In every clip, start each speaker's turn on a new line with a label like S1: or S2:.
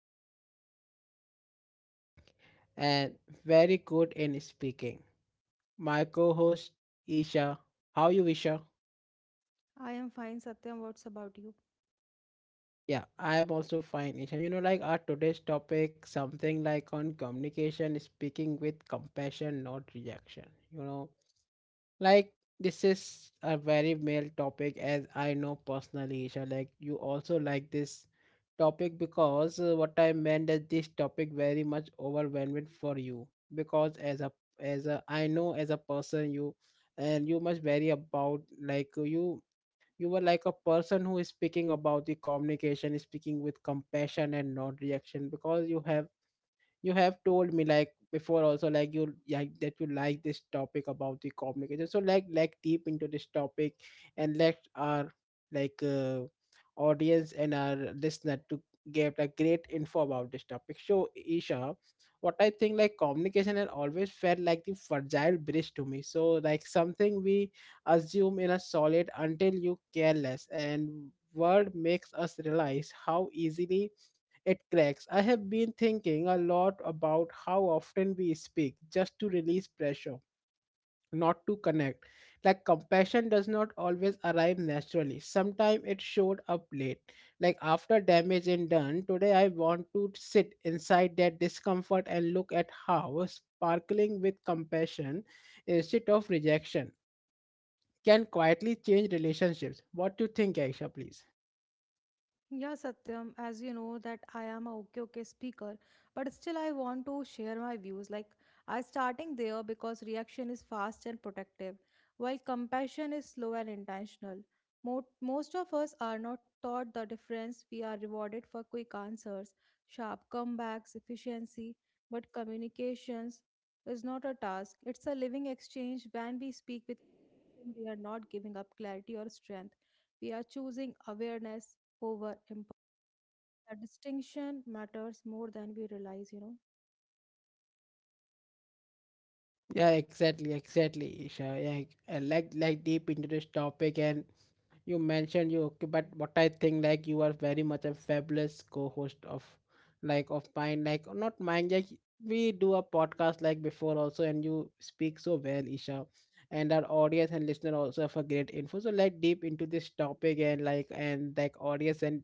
S1: is our fabulous, fantastic and very good in speaking. My co-host Isha. How you Isha?
S2: I am fine, Satyam. What's about you?
S1: Yeah, I am also fine Isha. You know like our today's topic something like on communication, speaking with compassion, not rejection. You know Like this is a very male topic as I know personally, Isha. Like you also like this topic because what I meant that this topic very much overwhelming for you because as a I know as a person you and you must vary about like you you were like a person who is speaking about the communication, speaking with compassion and not reaction because you have told me like before also like you like that you like this topic about the communication so like deep into this topic and let our like audience and our listener to get a great info about this topic so isha what I think like communication has always felt like the fragile bridge to me so like something we assume in a solid until you careless and word makes us realize how easily it cracks. I have been thinking a lot about how often we speak just to release pressure, not to connect. Like compassion does not always arrive naturally. Sometimes it showed up late. Like after damage is done, today I want to sit inside that discomfort and look at how sparkling with compassion instead of rejection can quietly change relationships. What do you think, Aisha, please?
S2: Yeah, Satyam, as you know that I am a okay speaker, but still I want to share my views. Like I starting there because reaction is fast and protective, while compassion is slow and intentional. Most of us are not taught the difference. We are rewarded for quick answers, sharp comebacks, efficiency, but communications is not a task. It's a living exchange when we speak with we are not giving up clarity or strength. We are choosing awareness over impulse. That distinction matters more than we realize, you know.
S1: Yeah, exactly, Isha. Yeah, I like deep into this topic and you mentioned you okay but what I think like you are very much a fabulous co-host of like of mine like not mine like we do a podcast like before also and you speak so well isha and our audience and listener also have a great info so like deep into this topic and like audience and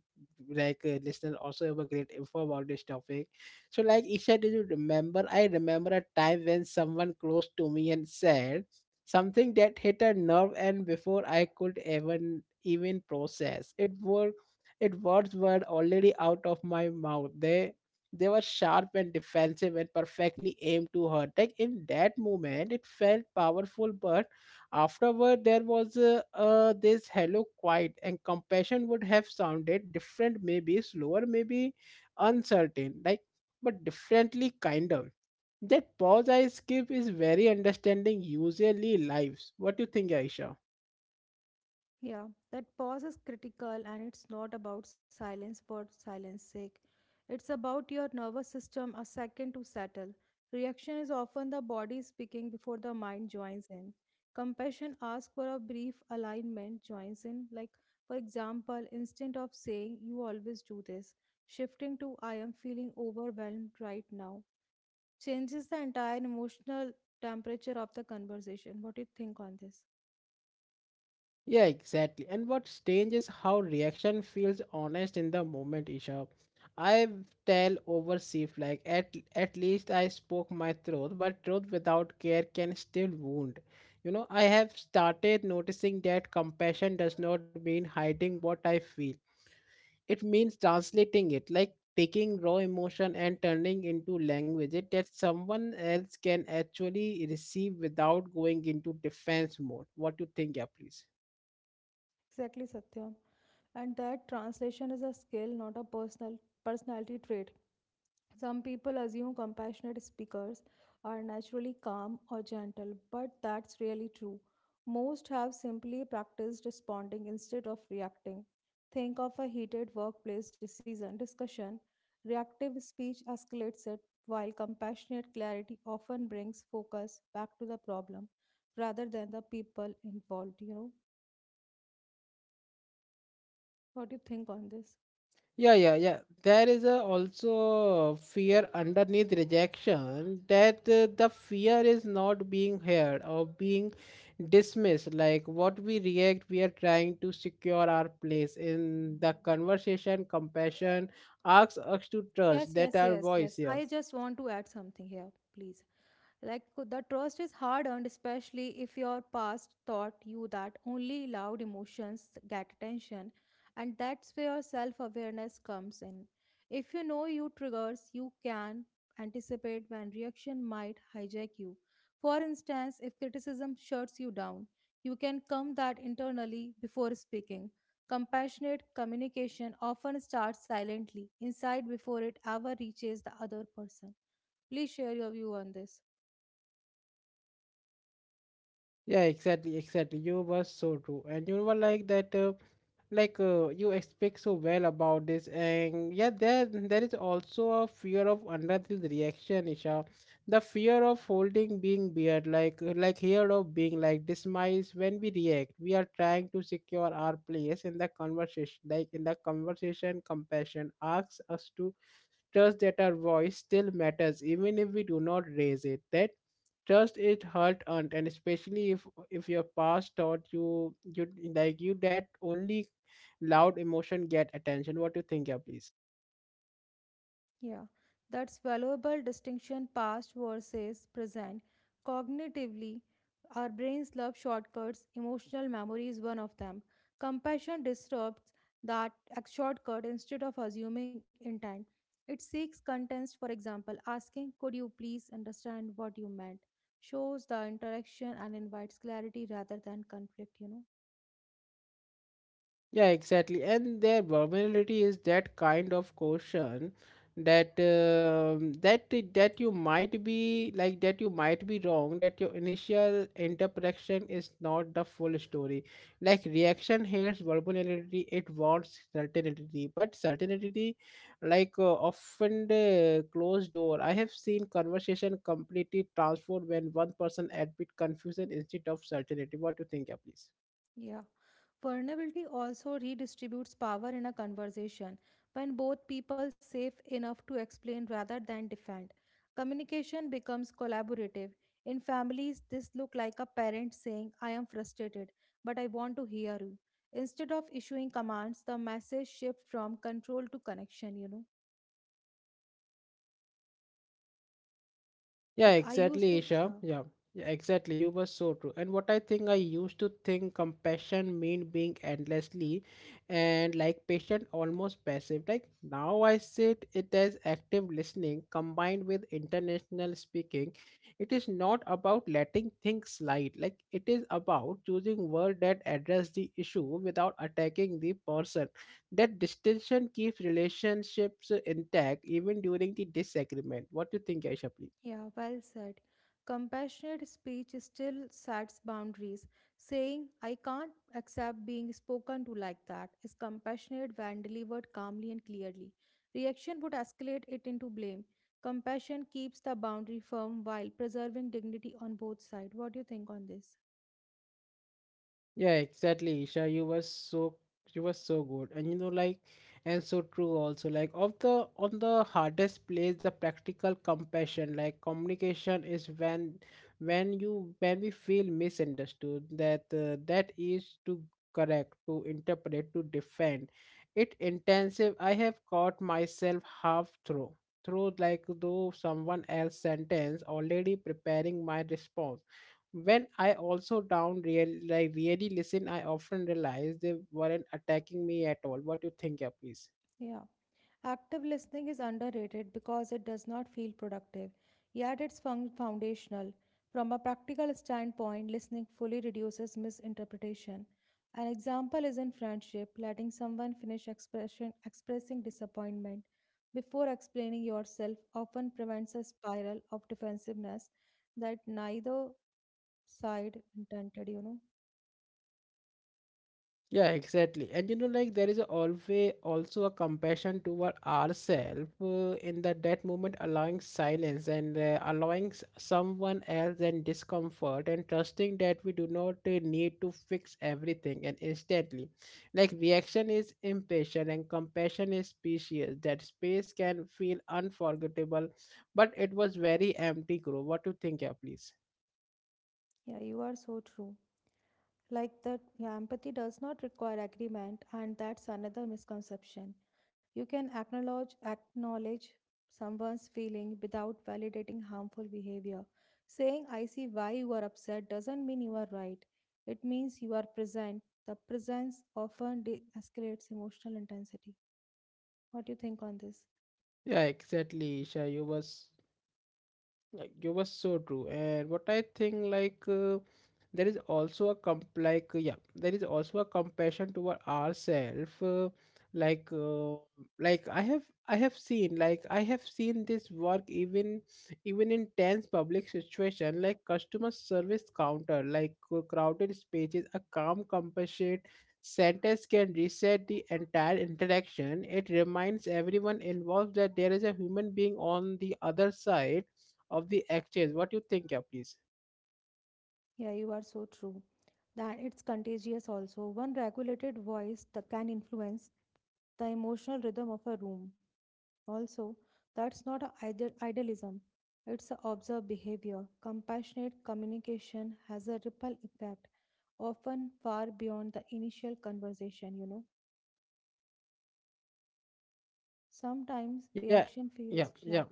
S1: like listener also have a great info about this topic so like isha did you remember I remember a time when someone close to me and said something that hit a nerve and before I could even process. It were it words were already out of my mouth. They were sharp and defensive and perfectly aimed to hurt. Like in that moment, it felt powerful, but afterward there was this hello quiet and compassion would have sounded different, maybe slower, maybe uncertain, like but differently kind of. That pause I skip is very understanding usually lives. What do you think, Aisha?
S2: Yeah, that pause is critical and it's not about silence for silence sake. It's about your nervous system a second to settle. Reaction is often the body speaking before the mind joins in. Compassion asks for a brief alignment, joins in. Like, for example, instead of saying, you always do this, shifting to, I am feeling overwhelmed right now changes the entire emotional temperature of the conversation. What do you think on this?
S1: Yeah, exactly. And what's strange is how reaction feels honest in the moment, Isha. I tell over Sif like at least I spoke my truth, but truth without care can still wound. You know, I have started noticing that compassion does not mean hiding what I feel. It means translating it, like taking raw emotion and turning into language it that someone else can actually receive without going into defense mode. What do you think, yeah, please?
S2: Exactly, Satyam. And that translation is a skill, not a personality trait. Some people assume compassionate speakers are naturally calm or gentle, but that's really true. Most have simply practiced responding instead of reacting. Think of a heated workplace decision discussion. Reactive speech escalates it, while compassionate clarity often brings focus back to the problem rather than the people involved. You know, what do you think on this?
S1: Yeah. There is a also fear underneath rejection that the fear is not being heard or being dismissed. Like what we react, we are trying to secure our place in the conversation. Compassion asks us to trust
S2: Yes,
S1: that
S2: yes,
S1: our
S2: yes,
S1: voice.
S2: yes.
S1: Yeah,
S2: I just want to add something here, please. The trust is hard earned, especially if your past taught you that only loud emotions get attention, and that's where self awareness comes in. If you know your triggers, you can anticipate when reaction might hijack you. For instance, if criticism shuts you down, you can calm that internally before speaking. Compassionate communication often starts silently, inside before it ever reaches the other person. Please share your view on this.
S1: yeah, exactly. You were so true, and you were like that. Like you expect so well about this and yeah there is also a fear of another reaction isha the fear of holding being weird like here of being like dismissed when we react we are trying to secure our place in the conversation like in the conversation compassion asks us to trust that our voice still matters even if we do not raise it that trust is hard earned and especially if your past taught you you like you that only loud emotion get attention what do you think yeah please
S2: Yeah, that's valuable distinction past versus present. Cognitively, our brains love shortcuts, emotional memory is one of them. Compassion disrupts that shortcut instead of assuming intent. It seeks context, for example, asking, could you please understand what you meant? Shows the interaction and invites clarity rather than conflict, you know?
S1: Yeah, exactly. And their vulnerability is that kind of caution that that you might be like that you might be wrong that your initial interpretation is not the full story like reaction hates vulnerability it wants certainty but certainty like often the closed door I have seen conversation completely transformed when one person admit confusion instead of certainty what do you think yeah please
S2: Yeah. Vulnerability also redistributes power in a conversation when both people safe enough to explain rather than defend. Communication becomes collaborative. In families, this look like a parent saying, I am frustrated, but I want to hear you. Instead of issuing commands, the message shift from control to connection, you know.
S1: Yeah,
S2: Like I used
S1: exactly,
S2: to,
S1: Isha.
S2: yeah.
S1: Yeah, yeah, exactly. You were so true. And what I think I used to think compassion meant being endlessly and like patient, almost passive. Like now I sit it as active listening combined with international speaking. It is not about letting things slide. Like it is about choosing words that address the issue without attacking the person. That distinction keeps relationships intact even during the disagreement. What do you think, Aisha, please?
S2: Yeah, well said. Compassionate speech still sets boundaries. Saying, I can't accept being spoken to like that is compassionate when delivered calmly and clearly. Reaction would escalate it into blame. Compassion keeps the boundary firm while preserving dignity on both sides. What do you think on this?
S1: Yeah, exactly, Isha. You were so good, and you know, like, and so true also. Like, of the on the hardest place, the practical compassion, like communication, is when you when we feel misunderstood. That that is to correct, to interpret, to defend. It intensive. I have caught myself half through like though someone else sentence already preparing my response when I also down real like really listen, I often realize they weren't attacking me at all. What do you think, yeah, please?
S2: Yeah. Active listening is underrated because it does not feel productive, yet it's foundational. From a practical standpoint, listening fully reduces misinterpretation. An example is in friendship, letting someone finish expressing disappointment before explaining yourself often prevents a spiral of defensiveness that neither side intended, you know.
S1: Yeah, exactly. And you know, like there is always also a compassion toward ourselves in that moment, allowing silence and allowing someone else and discomfort, and trusting that we do not need to fix everything and instantly. Like reaction is impatient and compassion is spacious. That space can feel unforgettable, but it was very empty. Grow. What do you think, yeah, please?
S2: Yeah, you are so true. Like that, yeah, empathy does not require agreement, and that's another misconception. You can acknowledge someone's feeling without validating harmful behavior. Saying I see why you are upset doesn't mean you are right. It means you are present. The presence often de-escalates emotional intensity. What do you think on this?
S1: Yeah, exactly, Isha. You was Like you were so true, and what I think like there is also a comp like yeah, there is also a compassion toward ourselves. Like like I have seen like I have seen this work even in tense public situation like customer service counter like crowded spaces a calm compassionate sentence can reset the entire interaction. It reminds everyone involved that there is a human being on the other side of the exchange. What you think, yeah, please?
S2: Yeah, you are so true. That it's contagious also. One regulated voice that can influence the emotional rhythm of a room also. That's not a idealism, it's a observed behavior. Compassionate communication has a ripple effect, often far beyond the initial conversation, you know. Sometimes
S1: Yeah,
S2: reaction
S1: yeah,
S2: feels, yeah,
S1: yeah,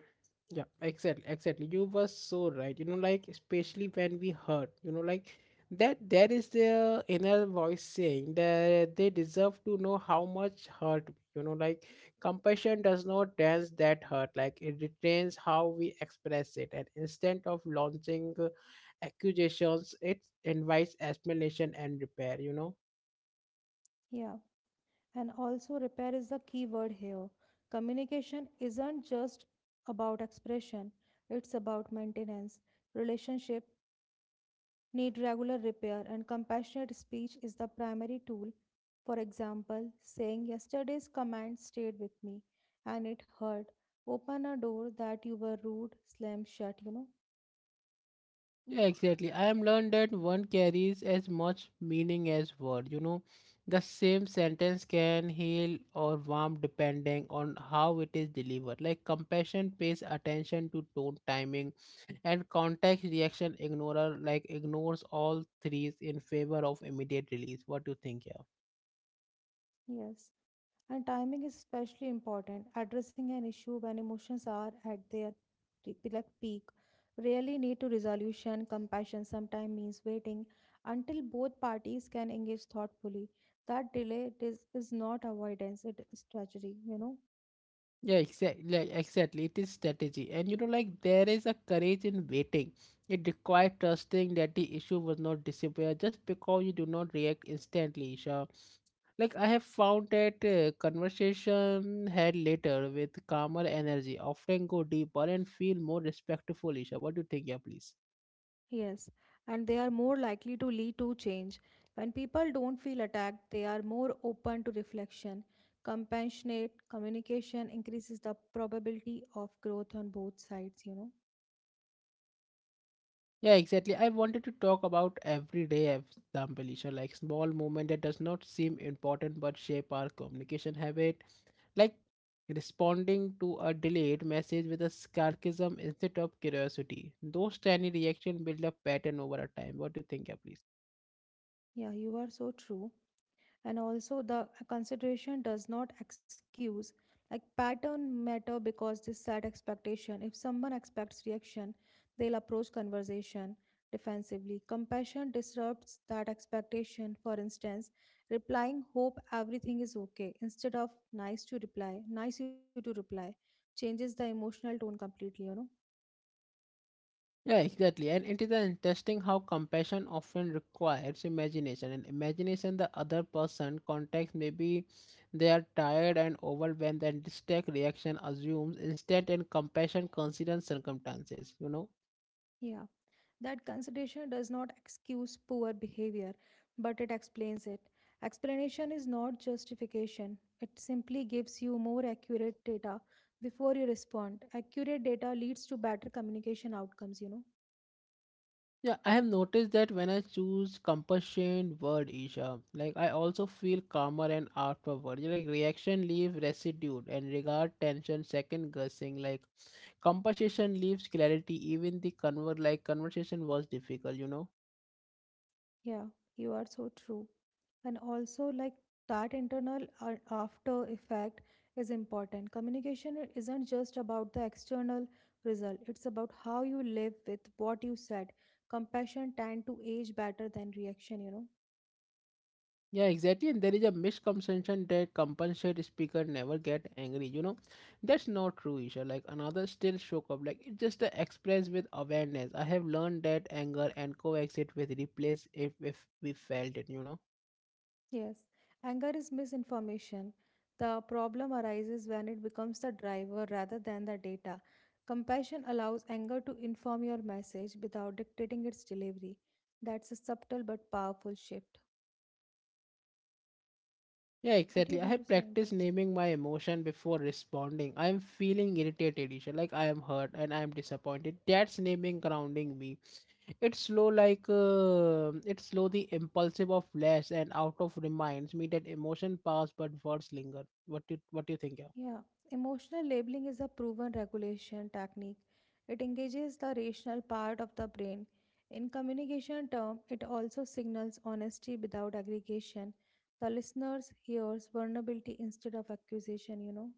S1: yeah. Exactly. You were so right. You know, like especially when we heard, you know, like that there is their inner voice saying that they deserve to know how much hurt. You know, like compassion does not dance that hurt. Like it retains how we express it. And instead of launching accusations, it invites explanation and repair. You know.
S2: yeah. And also, repair is the key word here. Communication isn't just about expression, it's about maintenance, relationship, need regular repair, and compassionate speech is the primary tool. For example, saying yesterday's command stayed with me and it hurt. Open a door that you were rude, slam shut, you know.
S1: Yeah, exactly. I have learned that one carries as much meaning as word. You know, the same sentence can heal or warm depending on how it is delivered. Like compassion pays attention to tone, timing, and context. Reaction ignorer like ignores all threes in favor of immediate release. What do you think? Yeah.
S2: Yes. And timing is especially important. Addressing an issue when emotions are at their peak really need to resolution. Compassion sometimes means waiting until both parties can engage thoughtfully. That delay is not avoidance, it is strategy, you know.
S1: Yeah, exactly. Exactly, it is strategy, and you know, like there is a courage in waiting. It requires trusting that the issue will not disappear just because you do not react instantly, Isha. Like I have found that conversation had later with calmer energy often go deeper and feel more respectful, Isha. What do you think, yeah, please?
S2: Yes, and they are more likely to lead to change. When people don't feel attacked, they are more open to reflection. Compassionate communication increases the probability of growth on both sides, you know.
S1: Yeah, exactly. I wanted to talk about everyday example, Isha, like small moment that does not seem important but shape our communication habit like responding to a delayed message with a sarcasm instead of curiosity. Those tiny reactions build a pattern over a time. What do you think, yeah, please?
S2: Yeah, you are so true. And also the consideration does not excuse like pattern matter because this set expectation. If someone expects reaction, they'll approach conversation defensively. Compassion disrupts that expectation. For instance, replying hope everything is okay instead of nice you to reply changes the emotional tone completely, you know.
S1: Yeah, exactly. And it is an interesting how compassion often requires imagination. And imagination, the other person context, maybe they are tired and overwhelmed, and this tech reaction assumes instant and compassion considers circumstances. You know
S2: Yeah, that consideration does not excuse poor behavior, but it explains it. Explanation is not justification, it simply gives you more accurate data before you respond. Accurate data leads to better communication outcomes, you know.
S1: Yeah, I have noticed that when I choose compassion word Isha, like I also feel calmer and afterward. Like reaction leaves residue and regard tension second guessing. Like compassion leaves clarity. Even the convert like conversation was difficult, you know.
S2: Yeah, you are so true. And also like that internal after effect is important. Communication isn't just about the external result, it's about how you live with what you said. Compassion tend to age better than reaction, you know.
S1: Yeah, exactly. And there is a misconception that compensate speaker never get angry. You know, that's not true, Isha. Like another still show up. Like it just express with awareness. I have learned that anger and coexist with replace if we felt it. You know.
S2: Yes, anger is misinformation. The problem arises when it becomes the driver rather than the data. Compassion allows anger to inform your message without dictating its delivery. That's a subtle but powerful shift.
S1: Yeah,
S2: What do you
S1: exactly. I
S2: want to
S1: have
S2: say on
S1: practiced
S2: this?
S1: naming my emotion before responding. I am feeling irritated, Isha. Like I am hurt and I am disappointed. That's naming grounding me. It's slow like it's slow the impulsive of less and out of reminds me that emotion pass but words linger. What do you think? Yeah,
S2: Yeah, emotional labeling is a proven regulation technique. It engages the rational part of the brain. In communication term, it also signals honesty without aggregation. The listeners hears vulnerability instead of accusation, you know.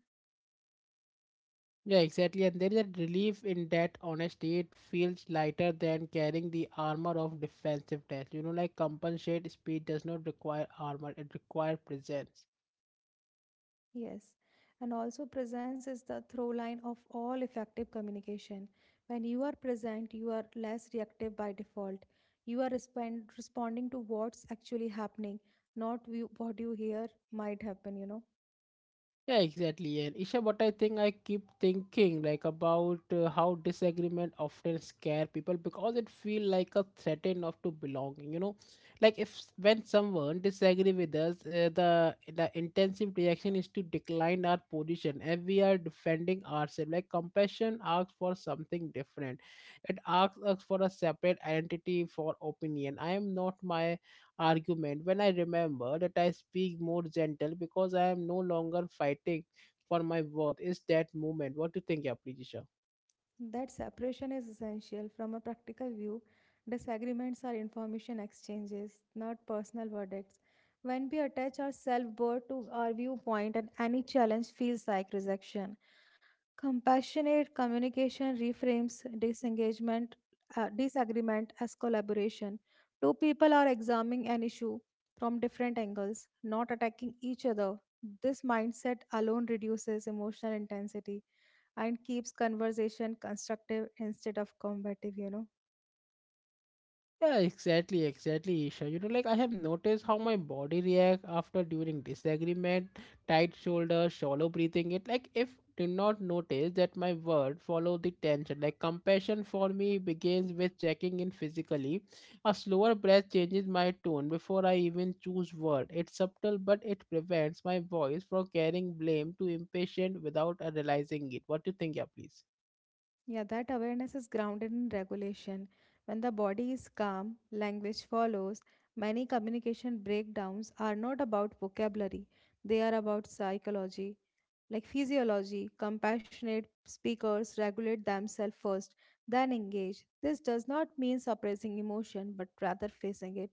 S1: yeah, exactly. And there is a relief in that honesty. It feels lighter than carrying the armor of defensiveness. You know, like compensate speed does not require armor; it requires presence.
S2: Yes. And also presence is the through line of all effective communication. When you are present, you are less reactive by default. You are responding to what's actually happening, not what you hear might happen, you know.
S1: Yeah, exactly. And Isha, what I think I keep thinking about how disagreement often scare people because it feel like a threat of to belonging. You know, like if s- when someone disagree with us, the intensive reaction is to decline our position and we are defending ourselves. Like compassion asks for something different. It asks us for a separate identity for opinion. I am not my argument when I remember that I speak more gentle because I am no longer fighting for my worth. Is that moment? What do you think, Aprijisha?
S2: That separation is essential from a practical view. Disagreements are information exchanges, not personal verdicts. When we attach our self worth to our viewpoint, and any challenge feels like rejection. Compassionate communication reframes disagreement as collaboration. Two people are examining an issue from different angles, not attacking each other. This mindset alone reduces emotional intensity and keeps conversation constructive instead of combative, you know.
S1: Yeah, exactly, exactly, Isha. You know, like I have noticed how my body react after during disagreement, tight shoulder, shallow breathing. It like if did not notice that my word follow the tension. Like compassion for me begins with checking in physically. A slower breath changes my tone before I even choose word. It's subtle, but it prevents my voice from carrying blame to impatient without realizing it. What do you think, yeah, please?
S2: Yeah, that awareness is grounded in regulation. When the body is calm, language follows. Many communication breakdowns are not about vocabulary, they are about psychology. Like physiology, compassionate speakers regulate themselves first, then engage. This does not mean suppressing emotion, but rather facing it.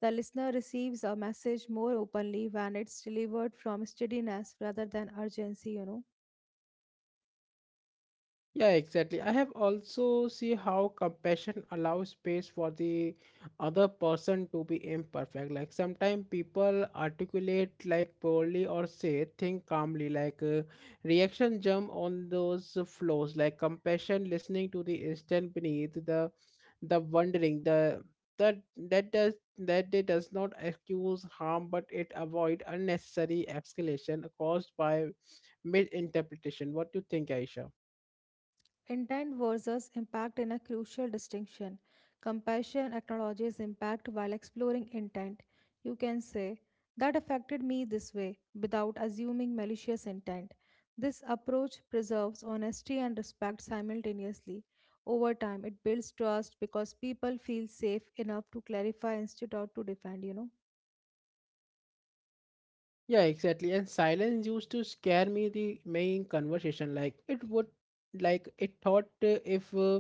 S2: The listener receives a message more openly when it's delivered from steadiness rather than urgency, you know.
S1: Yeah, exactly. I have also see how compassion allows space for the other person to be imperfect. Like sometimes people articulate like poorly or say think calmly. Like reaction jump on those flows. Like compassion, listening to the instant beneath the wondering the that that does that it does not excuse harm, but it avoid unnecessary escalation caused by misinterpretation. What do you think, Aisha?
S2: Intent versus impact in a crucial distinction. Compassion acknowledges impact while exploring intent. You can say, that affected me this way, without assuming malicious intent. This approach preserves honesty and respect simultaneously. Over time, it builds trust because people feel safe enough to clarify instead of to defend, you know.
S1: Yeah, exactly. And silence used to scare me the main conversation. Like it would, like it thought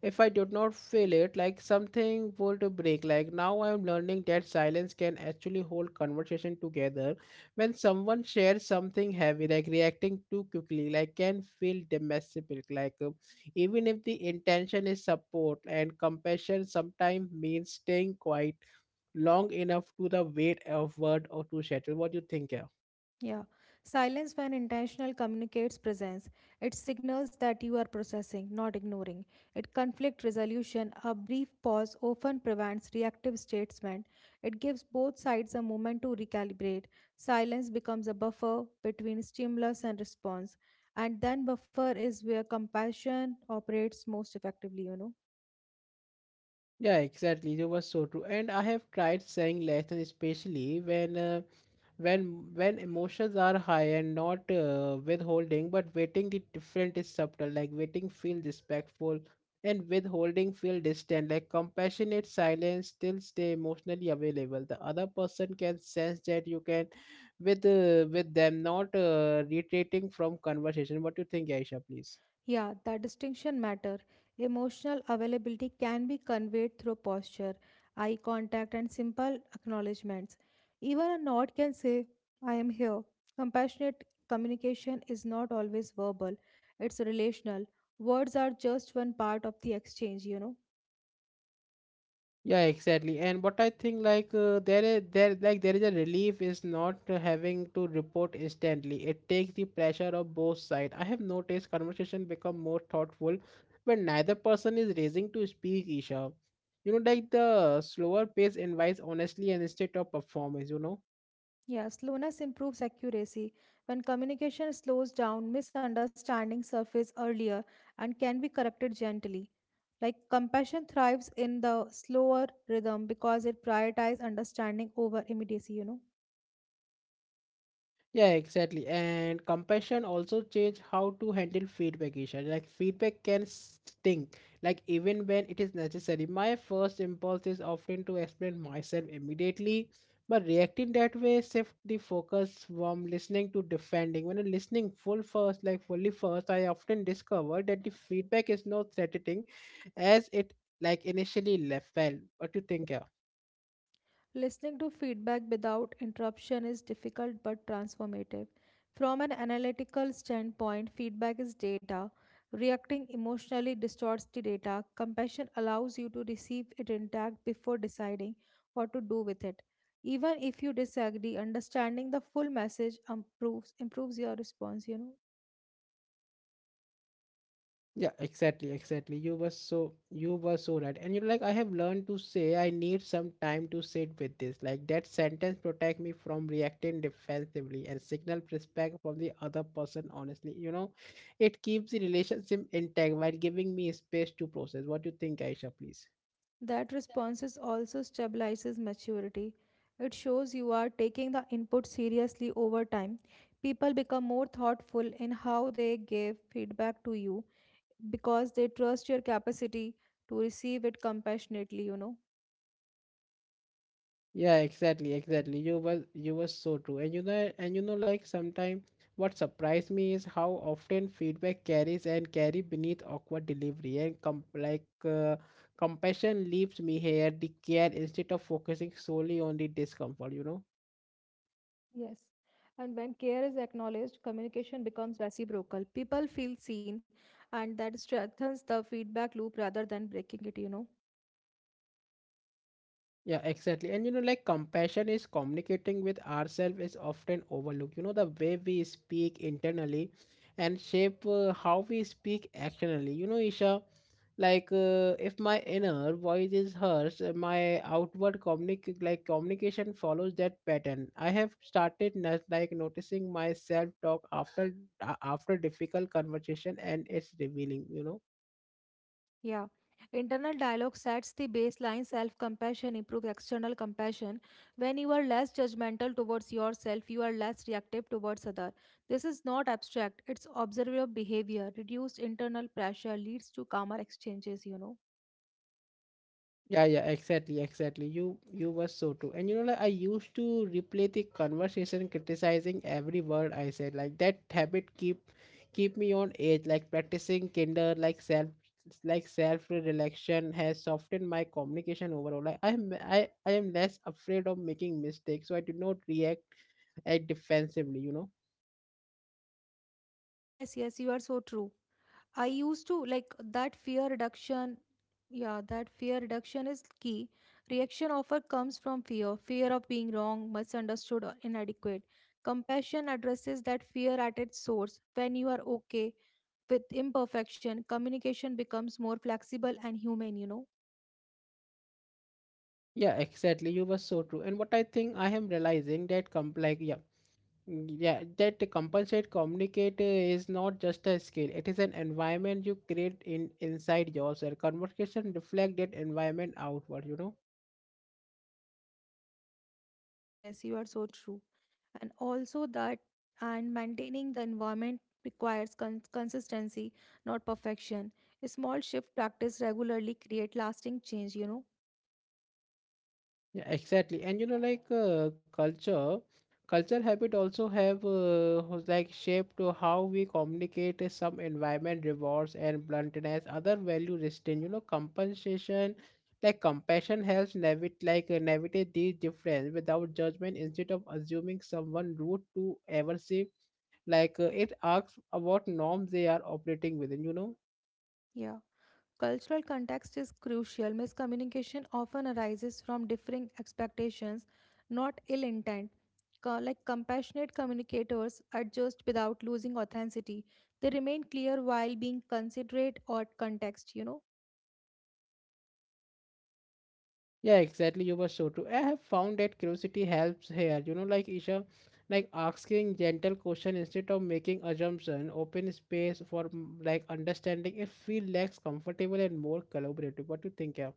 S1: if I did not feel it, like something would break. Like now I am learning that silence can actually hold conversation together. When someone shares something heavy, like reacting too quickly, like can feel domestic. Like even if the intention is support and compassion, sometimes means staying quiet long enough to the weight of word or to settle. What do you think? Yeah,
S2: Yeah. Silence, when intentional, communicates presence. It signals that you are processing, not ignoring. It conflict resolution. A brief pause often prevents reactive statement. It gives both sides a moment to recalibrate. Silence becomes a buffer between stimulus and response. And then buffer is where compassion operates most effectively, you know.
S1: yeah, exactly. You were so true. And I have tried saying less, and especially when emotions are high and not withholding but waiting, the different is subtle, like waiting feel respectful and withholding feel distant. Like compassionate silence still stay emotionally available, the other person can sense that you can with with them not retreating from conversation. What do you think, Aisha, please?
S2: Yeah, that distinction matter. Emotional availability can be conveyed through posture, eye contact, and simple acknowledgments. Even a nod can say, I am here. Compassionate communication is not always verbal, it's relational. Words are just one part of the exchange, you know.
S1: Yeah, exactly. And what I think like there is a relief is not having to report instantly. It takes the pressure of both sides. I have noticed conversation become more thoughtful when neither person is raising to speak, Isha. You know, like the slower pace invites honestly and instead of performance, you know.
S2: Yeah, slowness improves accuracy. When communication slows down, misunderstandings surface earlier and can be corrected gently. Like compassion thrives in the slower rhythm because it prioritizes understanding over immediacy, you know.
S1: Yeah, exactly. And compassion also change how to handle feedback, Isha. Like feedback can sting, like even when it is necessary. My first impulse is often to explain myself immediately, but reacting that way shift the focus from listening to defending. When I'm listening full first, like fully first, I often discover that the feedback is not threatening as it like initially left felt. What do you think? Yeah?
S2: Listening to feedback without interruption is difficult but transformative. From an analytical standpoint, feedback is data. Reacting emotionally distorts the data. Compassion allows you to receive it intact before deciding what to do with it. Even if you disagree, understanding the full message improves your response, you know.
S1: Yeah, exactly, exactly. You were so right. And you're like, I have learned to say I need some time to sit with this. Like that sentence protect me from reacting defensively and signal respect from the other person honestly. You know, it keeps the relationship intact while giving me space to process. What do you think, Aisha, please?
S2: That response is also stabilizes maturity. It shows you are taking the input seriously over time. People become more thoughtful in how they give feedback to you because they trust your capacity to receive it compassionately, you know.
S1: Yeah, exactly, exactly. You was so true. And you know like sometimes what surprised me is how often feedback carries and carry beneath awkward delivery and compassion leaves me here the care instead of focusing solely on the discomfort, you know.
S2: Yes. And when care is acknowledged, communication becomes reciprocal. People feel seen, and that strengthens the feedback loop rather than breaking it, you know.
S1: Yeah, exactly. And you know, like compassion is communicating with ourselves is often overlooked. You know, the way we speak internally and shape how we speak externally. You know, Isha, like if my inner voice is hers, my outward communication follows that pattern. I have started noticing my self talk after difficult conversation, and it's revealing. You know.
S2: Yeah. Internal dialogue sets the baseline. Self compassion improves external compassion. When you are less judgmental towards yourself, you are less reactive towards others. This is not abstract, it's observable behavior. Reduced internal pressure leads to calmer exchanges, you know.
S1: Yeah, yeah, exactly, exactly. You were so true. And you know, like I used to replay the conversation criticizing every word I said. Like that habit keep me on edge, like practicing kinder, like self-reflection has softened my communication overall. Like I am less afraid of making mistakes, so I do not react like defensively, you know.
S2: Yes, yes, you are so true. I used to like that fear reduction. Yeah, that fear reduction is key. Reaction often comes from fear of being wrong, misunderstood, or inadequate. Compassion addresses that fear at its source. When you are okay with imperfection, communication becomes more flexible and human.
S1: Yeah, exactly. You were so true. And what I think I am realizing that complex, yeah, mm, yeah, that the compensate communicate is not just a skill, it is an environment you create in inside yourself, conversation reflect that environment outward, you know.
S2: Yes, you are so true. And also, that and maintaining the environment requires consistency, not perfection. A small shift practice regularly create lasting change.
S1: Yeah, exactly. And you know, like culture habit also have was like shaped to how we communicate. Some environment rewards and bluntness, other value restraint. You know, compensation, like compassion helps navigate these difference without judgment. Instead of assuming someone rude to aversive, it asks about norms they are operating within. You know.
S2: Yeah. Cultural context is crucial. Miscommunication often arises from differing expectations, not ill intent. Like compassionate communicators adjust without losing authenticity. They remain clear while being considerate or context.
S1: Yeah, exactly. You were so true. I have found that curiosity helps here. You know, like Isha, like asking gentle question instead of making assumption, open space for understanding. It feel less comfortable and more collaborative. What do you think? Yeah,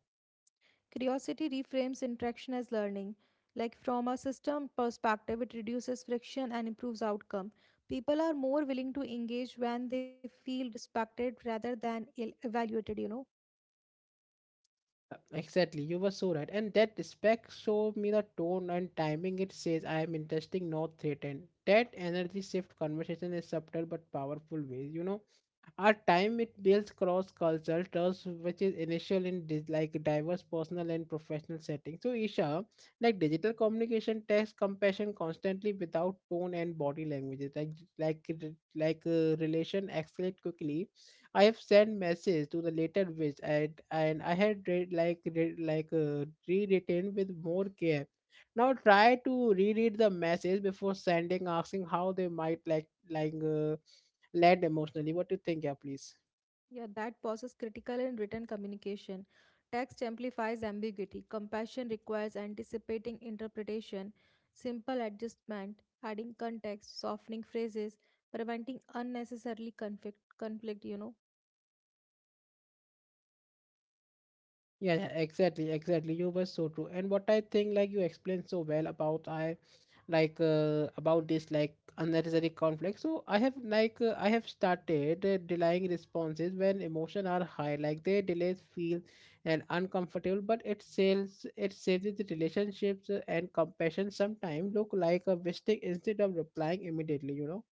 S2: Curiosity reframes interaction as learning. Like from a system perspective, it reduces friction and improves outcome. People are more willing to engage when they feel respected rather than ill evaluated.
S1: Exactly. You were so right. And that respect showed me the tone and timing. It says I am interesting, not threatened. That energy shift conversation is subtle but powerful ways. You know our time it builds cross-cultural trust, which is initial in diverse personal and professional settings. So, Isha, like digital communication tests compassion constantly without tone and body languages. Like relation escalate quickly. I have sent message to the later which and I had read, rewritten with more care. Now try to reread the message before sending, asking how they might led emotionally. What do you think, yeah, please?
S2: Yeah, that pauses critical and written communication. Text amplifies ambiguity. Compassion requires anticipating interpretation, simple adjustment, adding context, softening phrases, preventing unnecessarily conflict.
S1: Yeah, yeah, exactly, exactly. You were so true. And what I think, like you explained so well about I, like about this like unnecessary conflict. So I have I have started delaying responses when emotion are high. Like they delays feel and uncomfortable, but it saves the relationships and compassion. Sometimes look like a wasting instead of replying immediately. You know.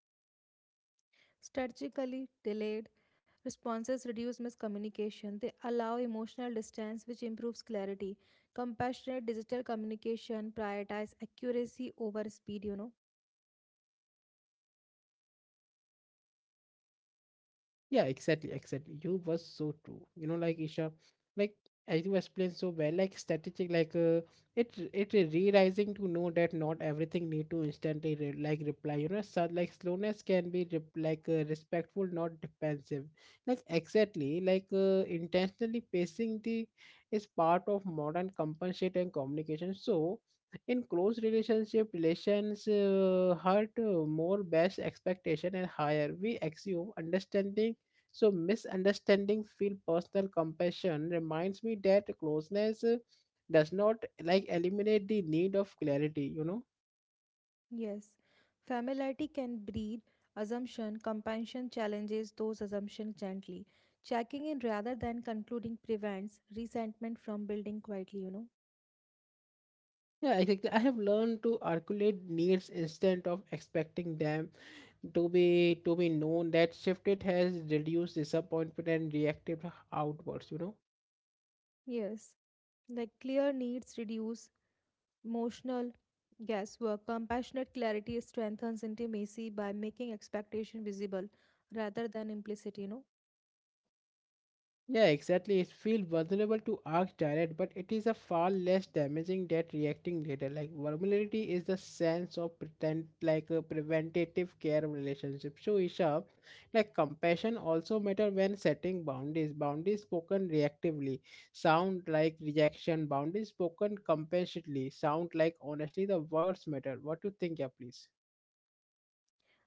S2: Strategically delayed responses reduce miscommunication. They allow emotional distance, which improves clarity. Compassionate digital communication prioritize accuracy over speed.
S1: Yeah, exactly, exactly. You was so true. You know, like Isha, like as you explained so well, like strategic, it it is realizing to know that not everything need to instantly re like reply. You know, so, like slowness can be rep like respectful, not defensive. Like exactly, intentionally pacing the is part of modern compensate and communication. So in close relationship relations hurt more best expectation and higher we assume understanding, so misunderstanding feel personal. Compassion reminds me that closeness does not like eliminate the need of clarity, you know.
S2: Yes, familiarity can breed assumption, compassion challenges those assumptions gently. Checking in rather than concluding prevents resentment from building quietly.
S1: Yeah, exactly. I have learned to articulate needs instead of expecting them to be known. That shifted has reduced disappointment and reactive outwards, you know.
S2: Yes, like clear needs reduce emotional guesswork. Compassionate clarity strengthens intimacy by making expectation visible rather than implicit.
S1: Yeah, exactly. It feels vulnerable to ask direct, but it is a far less damaging than reacting later. Like vulnerability is the sense of pretend like a preventative care relationship. So Isha, like compassion also matter when setting boundaries. Boundaries spoken reactively sound like rejection. Boundaries spoken compassionately sound like honestly the words matter. What do you think, yeah, please?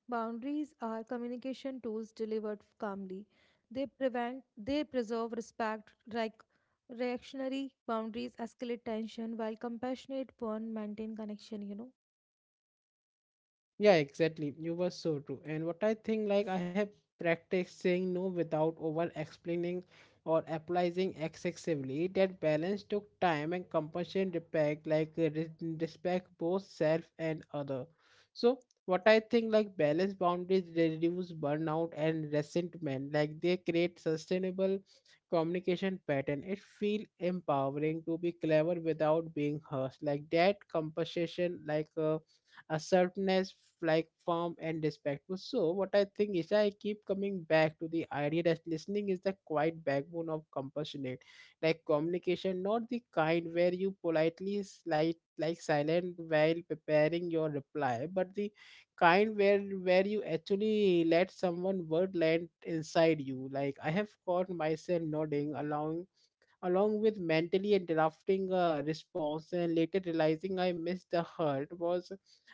S2: Boundaries are communication tools delivered calmly. They prevent, they preserve respect, like reactionary boundaries escalate tension, while compassionate one maintain connection.
S1: Yeah, exactly. You were so true. And what I think, like, I have practiced saying no without over explaining or apologizing excessively. That balance took time and compassion respect, like respect both self and other. So, what I think, like, balance boundaries reduce burnout and resentment. Like, they create sustainable communication pattern. It feel empowering to be clever without being harsh. Like, that compensation, like, a sharpness, like form and respectful. So what I think is I keep coming back to the idea that listening is the quiet backbone of compassionate, like communication, not the kind where you politely slide like silent while preparing your reply, but the kind where you actually let someone word land inside you. Like I have caught myself nodding, allowing along with mentally drafting a response and later realizing I missed the hurt was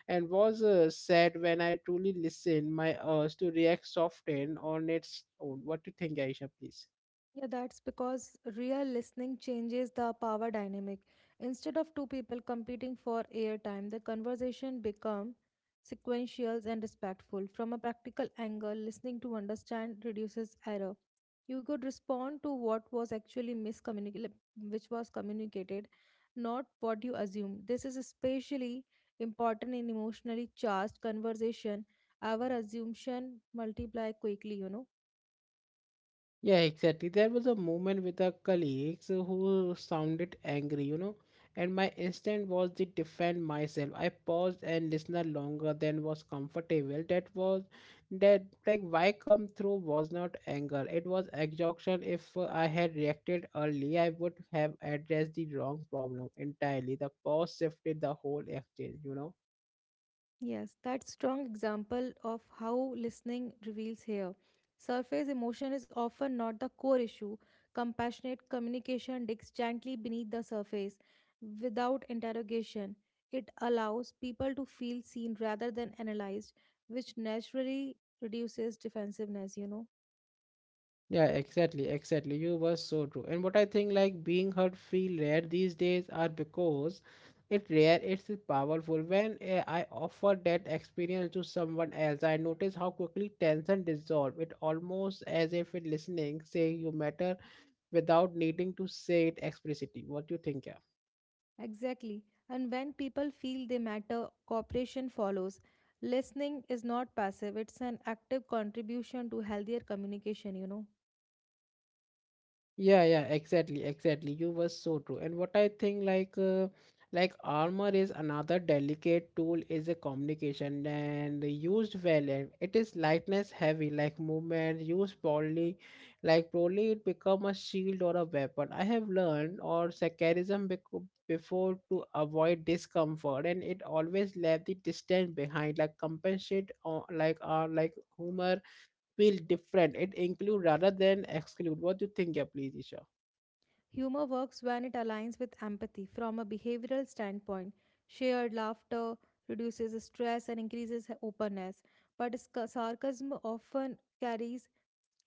S1: and was uh, sad. When I truly listened, my urge to react softened on its own. What do you think, Aisha, please?
S2: Yeah, that's because real listening changes the power dynamic. Instead of two people competing for airtime, the conversation become sequential and respectful. From a practical angle, listening to understand reduces error. You could respond to what was actually miscommunicated, which was communicated, not what you assumed. This is especially important in emotionally charged conversation. Our assumption multiply quickly.
S1: Yeah, exactly. There was a moment with our colleagues who sounded angry, you know, and my instinct was to defend myself. I paused and listened longer than was comfortable. That was that like why come through was not anger. It was exhaustion. If I had reacted early, I would have addressed the wrong problem entirely. The pause shifted the whole exchange, you know.
S2: Yes, that strong example of how listening reveals here. Surface emotion is often not the core issue. Compassionate communication digs gently beneath the surface without interrogation. It allows people to feel seen rather than analyzed, which naturally reduces defensiveness.
S1: Yeah, exactly, exactly. You were so true. And what I think like being heard, feel rare these days are because it rare, it's powerful. When I offer that experience to someone else, I notice how quickly tension dissolve. It almost as if it listening, saying you matter without needing to say it explicitly. What do you think, yeah?
S2: Exactly. And when people feel they matter, cooperation follows. Listening is not passive, it's an active contribution to healthier communication.
S1: Yeah, exactly. You were so true. And what I think, like armor is another delicate tool is a communication and used well. And it is lightness heavy, like movement used poorly, like poorly it become a shield or a weapon. I have learned or secularism before to avoid discomfort, and it always left the distance behind, like compensate or like humor feel different. It include rather than exclude. What do you think, yeah, please, Isha?
S2: Humor works when it aligns with empathy from a behavioral standpoint. Shared laughter reduces stress and increases openness, but sarcasm often carries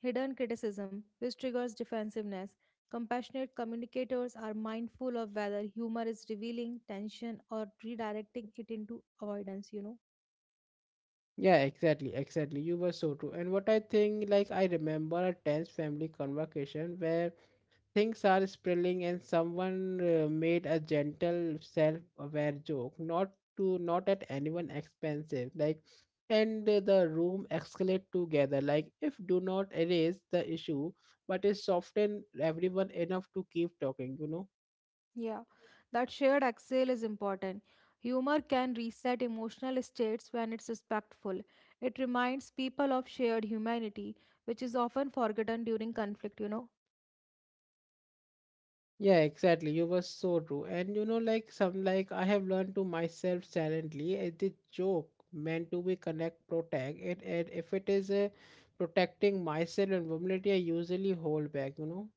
S2: hidden criticism, which triggers defensiveness. Compassionate communicators are mindful of whether humor is revealing tension or redirecting it into avoidance.
S1: Yeah, exactly, exactly. You were so true. And what I think, like I remember a tense family conversation where things are spilling and someone made a gentle self-aware joke, not to not at anyone expensive, like, and the room escalate together. Like, if do not erase the issue, but is soften everyone enough to keep talking.
S2: Yeah, that shared exhale is important. Humor can reset emotional states when it's respectful. It reminds people of shared humanity, which is often forgotten during conflict.
S1: Yeah, exactly. You were so true. And like some like I have learned to myself silently as the joke meant to be connect protect it and if it is protecting myself and vulnerability, I usually hold back.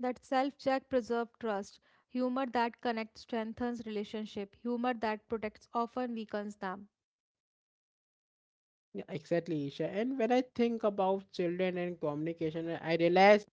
S2: That self check preserves trust. Humor that connects strengthens relationship. Humor that protects often weakens them.
S1: Yeah, exactly, Isha. And when I think about children and communication, I realize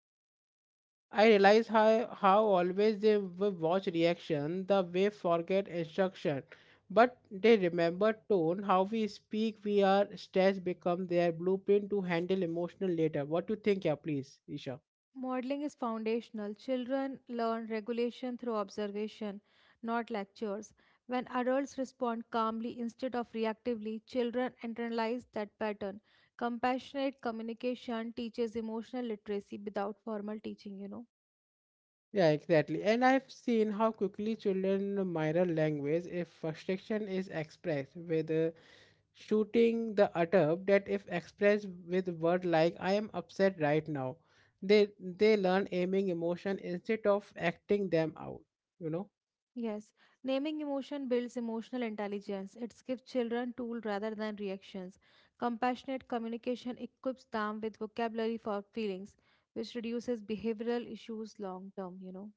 S1: I realize how always they watch reaction, the way forget instruction, but they remember tone, how we speak, we are stress become their blueprint to handle emotional later. What do you think, yeah, please, Isha?
S2: Modeling is foundational. Children learn regulation through observation, not lectures. When adults respond calmly instead of reactively, children internalize that pattern. Compassionate communication teaches emotional literacy without formal teaching.
S1: Yeah, exactly. And I've seen how quickly children mirror language if frustration is expressed with shooting the adult that if expressed with words like I am upset right now, they learn aiming emotion instead of acting them out you know
S2: Yes, naming emotion builds emotional intelligence. It gives children tools rather than reactions. Compassionate communication equips them with vocabulary for feelings, which reduces behavioral issues long term.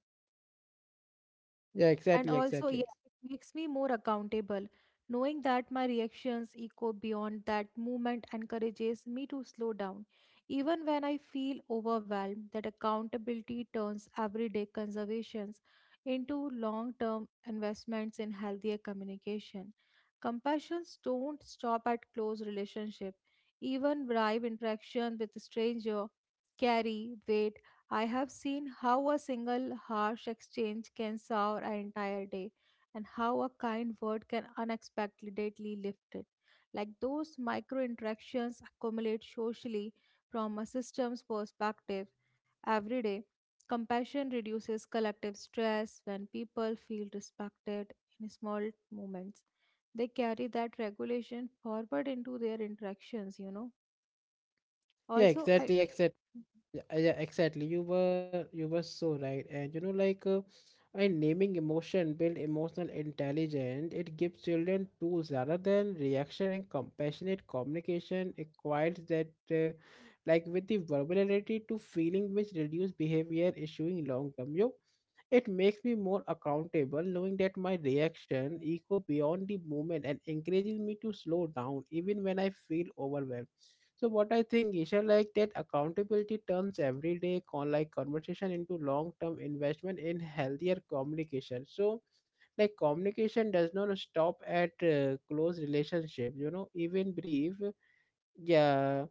S1: yeah
S2: And
S1: exactly
S2: also,
S1: exactly
S2: yeah, it makes me more accountable. Knowing that my reactions echo beyond that movement encourages me to slow down. Even when I feel overwhelmed, that accountability turns everyday conservations into long term investments in healthier communication. Compassions don't stop at close relationship. Even bribe interaction with a stranger carry weight. I have seen how a single harsh exchange can sour an entire day and how a kind word can unexpectedly lift it. Like those micro interactions accumulate socially from a system's perspective every day. Compassion reduces collective stress when people feel respected in small moments. They carry that regulation forward into their interactions.
S1: yeah
S2: Also, I.
S1: exactly exactly Yeah, yeah, exactly. You were so right. And in naming emotion, build emotional intelligence. It gives children tools rather than reaction and compassionate communication. It quiets like with the verbality to feeling, which reduce behavior issuing long term. You, it makes me more accountable, knowing that my reaction echo beyond the moment and encourages me to slow down even when I feel overwhelmed. So what I think, Isha, like that accountability turns everyday conversation into long-term investment in healthier communication. So like communication does not stop at close relationship, you know, even brief. Yeah,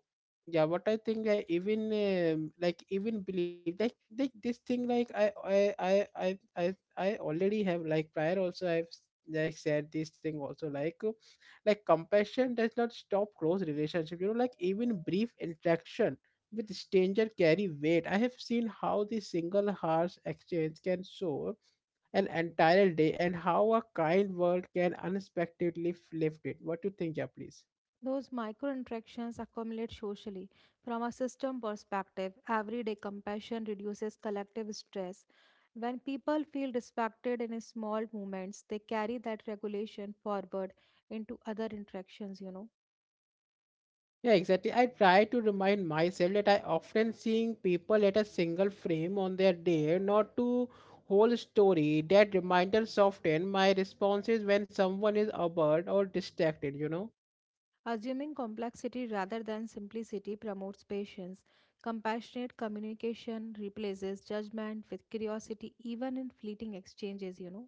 S1: yeah, what I think like even believe like this thing like I already have like prior also like said this thing also like compassion does not stop close relationship, you know, like even brief interaction with stranger carry weight. I have seen how the single harsh exchange can soar an entire day and how a kind word can unexpectedly flip it. What do you think, yeah, please?
S2: Those micro interactions accumulate socially. From a system perspective, everyday compassion reduces collective stress. When people feel respected in small moments, they carry that regulation forward into other interactions.
S1: Yeah, exactly. I try to remind myself that I often seeing people at a single frame on their day, not to whole story. That reminder soften my responses when someone is abroad or distracted, you know?
S2: Assuming complexity rather than simplicity promotes patience. Compassionate communication replaces judgment with curiosity, even in fleeting exchanges.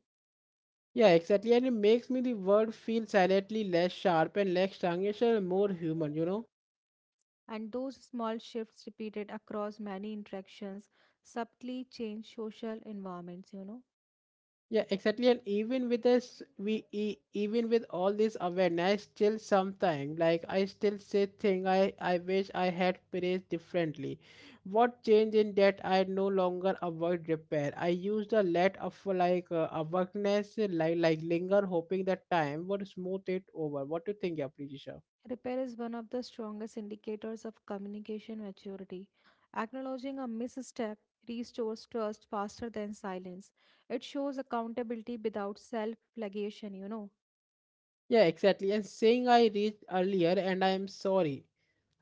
S1: Yeah, exactly. And it makes me the world feel silently less sharp and less strangish and more human, you know?
S2: And those small shifts repeated across many interactions subtly change social environments.
S1: Yeah, exactly. And even with this, we even with all this awareness, still sometime like I still say thing I wish I had praised differently. What changed in that I no longer avoid repair. I used a let of like awareness, like linger, hoping that time would smooth it over. What do you think, Aprijisha?
S2: Repair is one of the strongest indicators of communication maturity. Acknowledging a misstep restores trust faster than silence. It shows accountability without self flagellation.
S1: Yeah, exactly. And saying I reached earlier and I am sorry.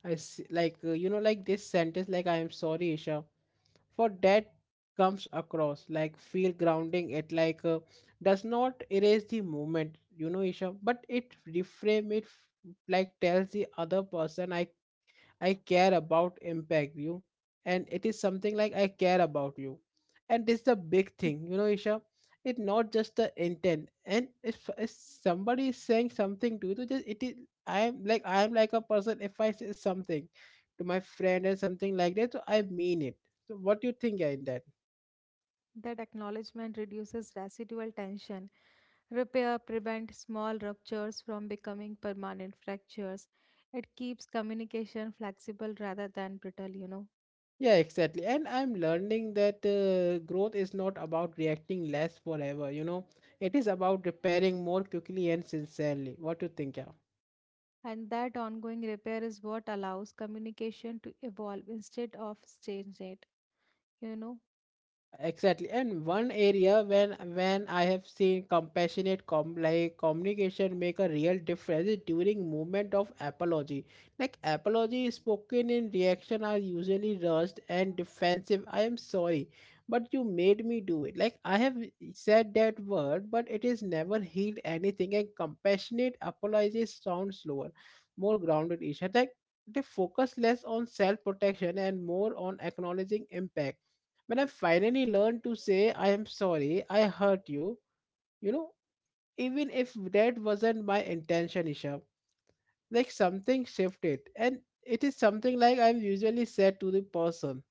S1: Like you know like this sentence like I am sorry, Isha. For that comes across like feel grounding it like does not erase the moment, you know, Isha, but it reframe it. Like tells the other person I care about impact you and it is something like I care about you. And this is the big thing, you know, Isha. It's not just the intent. And if somebody is saying something to you, to just it is I am like a person if I say something to my friend and something like that, so I mean it. So what do you think in that?
S2: That acknowledgement reduces residual tension. Repair prevents small ruptures from becoming permanent fractures. It keeps communication flexible rather than brittle.
S1: Yeah, exactly. And I'm learning that growth is not about reacting less forever, you know. It is about repairing more quickly and sincerely. What do you think, yeah?
S2: And that ongoing repair is what allows communication to evolve instead of stagnate, you know.
S1: Exactly, and one area when I have seen compassionate communication make a real difference is during moment of apology. Like apology spoken in reaction are usually rushed and defensive. I am sorry, but you made me do it. Like I have said that word, but it is never healed anything. And compassionate apology sounds slower, more grounded. Isha, like they focus less on self protection and more on acknowledging impact when I finally learned to say, I am sorry, I hurt you, you know, even if that wasn't my intention, Isha, like something shifted. And it is something like I'm usually said to the person.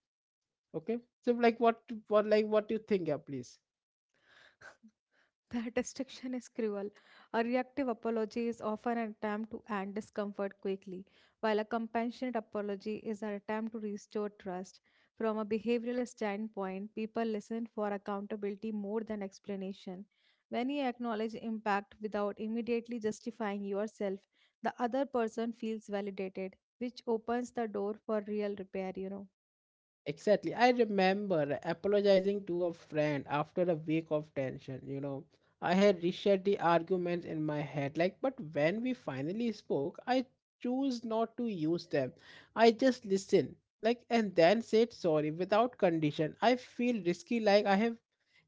S1: Okay. So like what do you think, yeah, please?
S2: That restriction is cruel. A reactive apology is often an attempt to end discomfort quickly, while a compassionate apology is an attempt to restore trust. From a behavioral standpoint, people listen for accountability more than explanation. When you acknowledge impact without immediately justifying yourself, the other person feels validated, which opens the door for real repair.
S1: Exactly. I remember apologizing to a friend after a week of tension, you know. I had reshared the arguments in my head, like, but when we finally spoke, I chose not to use them. I just listened, like, and then said sorry without condition. I feel risky, like, I have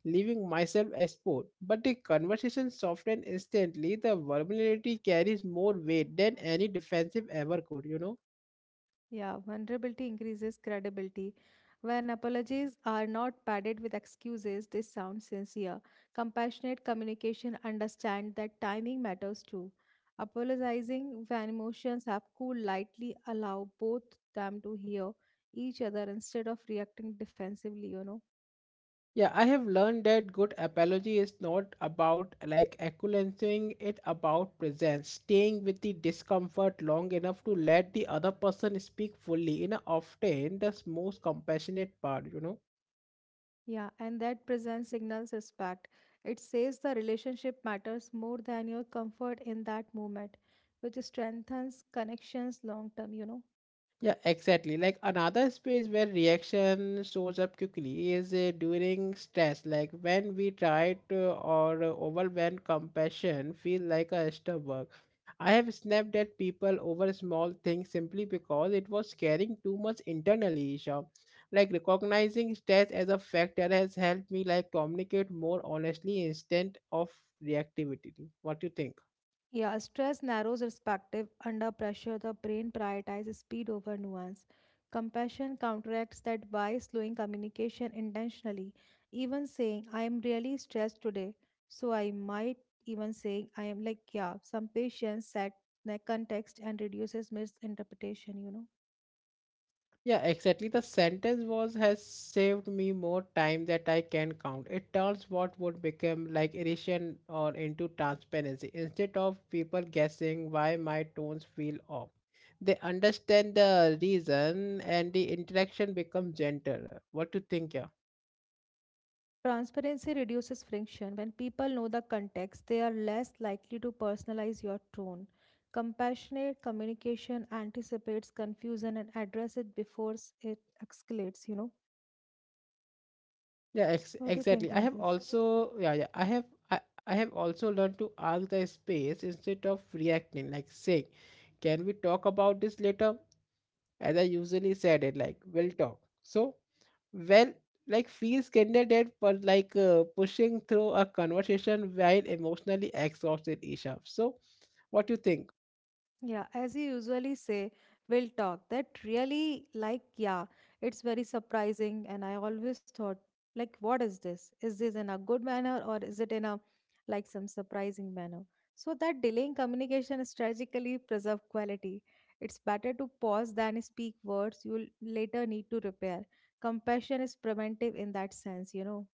S1: leaving myself exposed. But the conversation softened instantly. The vulnerability carries more weight than any defensive ever could, you know.
S2: Yeah, vulnerability increases credibility. When apologies are not padded with excuses, they sound sincere. Compassionate communication understand that timing matters too. Apologizing when emotions have cooled lightly allow both them to hear each other instead of reacting defensively.
S1: Yeah, I have learned that good apology is not about like acknowledging it about presence, staying with the discomfort long enough to let the other person speak fully. You know, often that's most compassionate part, you know.
S2: Yeah, and that presence signals respect. It says the relationship matters more than your comfort in that moment, which strengthens connections long term.
S1: Yeah, exactly. Like another space where reaction shows up quickly is during stress. Like when we try to or overwhelm compassion feel like a extra work. I have snapped at people over small things simply because it was carrying too much internally, Isha. Like recognizing stress as a factor has helped me like communicate more honestly instead of reactivity. What do you think?
S2: Yeah, stress narrows perspective. Under pressure, the brain prioritizes speed over nuance. Compassion counteracts that by slowing communication intentionally, even saying, I am really stressed today. So I might even say, I am like, yeah, some patience set the context and reduces misinterpretation.
S1: Yeah, exactly. The sentence was has saved me more time that I can count. It turns what would become like irritation or into transparency. Instead of people guessing why my tones feel off, they understand the reason and the interaction becomes gentler. What do you think? Yeah,
S2: Transparency reduces friction. When people know the context, they are less likely to personalize your tone. Compassionate communication anticipates confusion and address it before it escalates.
S1: yeah,
S2: What do you
S1: exactly.
S2: think
S1: I
S2: on
S1: have
S2: this?
S1: also yeah yeah I have. I I have also learned to ask the space instead of reacting, like saying, can we talk about this later? As I usually said it like will talk. So well like feels candidate for like pushing through a conversation while emotionally exhausted, Isha. So what do you think?
S2: Yeah, as you usually say, we'll talk. That really, like, yeah, it's very surprising. And I always thought, like, what is this? Is this in a good manner or is it in a, like, some surprising manner? So that delaying communication strategically preserve quality. It's better to pause than speak words you will later need to repair. Compassion is preventive in that sense.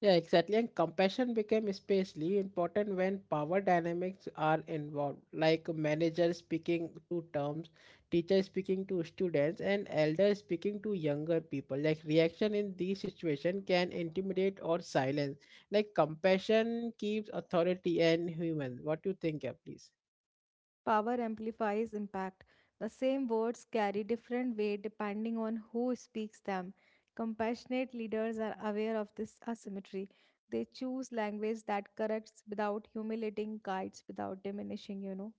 S1: Yeah, exactly. And compassion became especially important when power dynamics are involved, like manager speaking to terms, teacher speaking to students, and elder speaking to younger people. Like reaction in these situations can intimidate or silence. Like compassion keeps authority and human. What do you think, yeah, please?
S2: Power amplifies impact. The same words carry different weight depending on who speaks them. Compassionate leaders are aware of this asymmetry. They choose language that corrects without humiliating, guides without diminishing.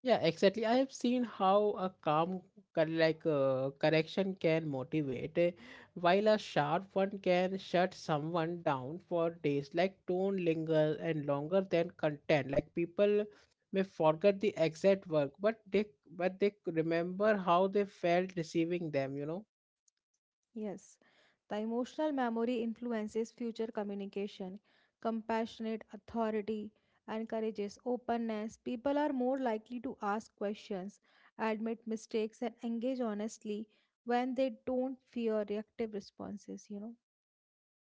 S1: Yeah, exactly. I have seen how a calm, correction can motivate, eh, while a sharp one can shut someone down for days. Like tone linger and longer than content. Like people may forget the exact work, but they remember how they felt receiving them. You know.
S2: Yes, the emotional memory influences future communication. Compassionate authority encourages openness. People are more likely to ask questions, admit mistakes, and engage honestly when they don't fear reactive responses.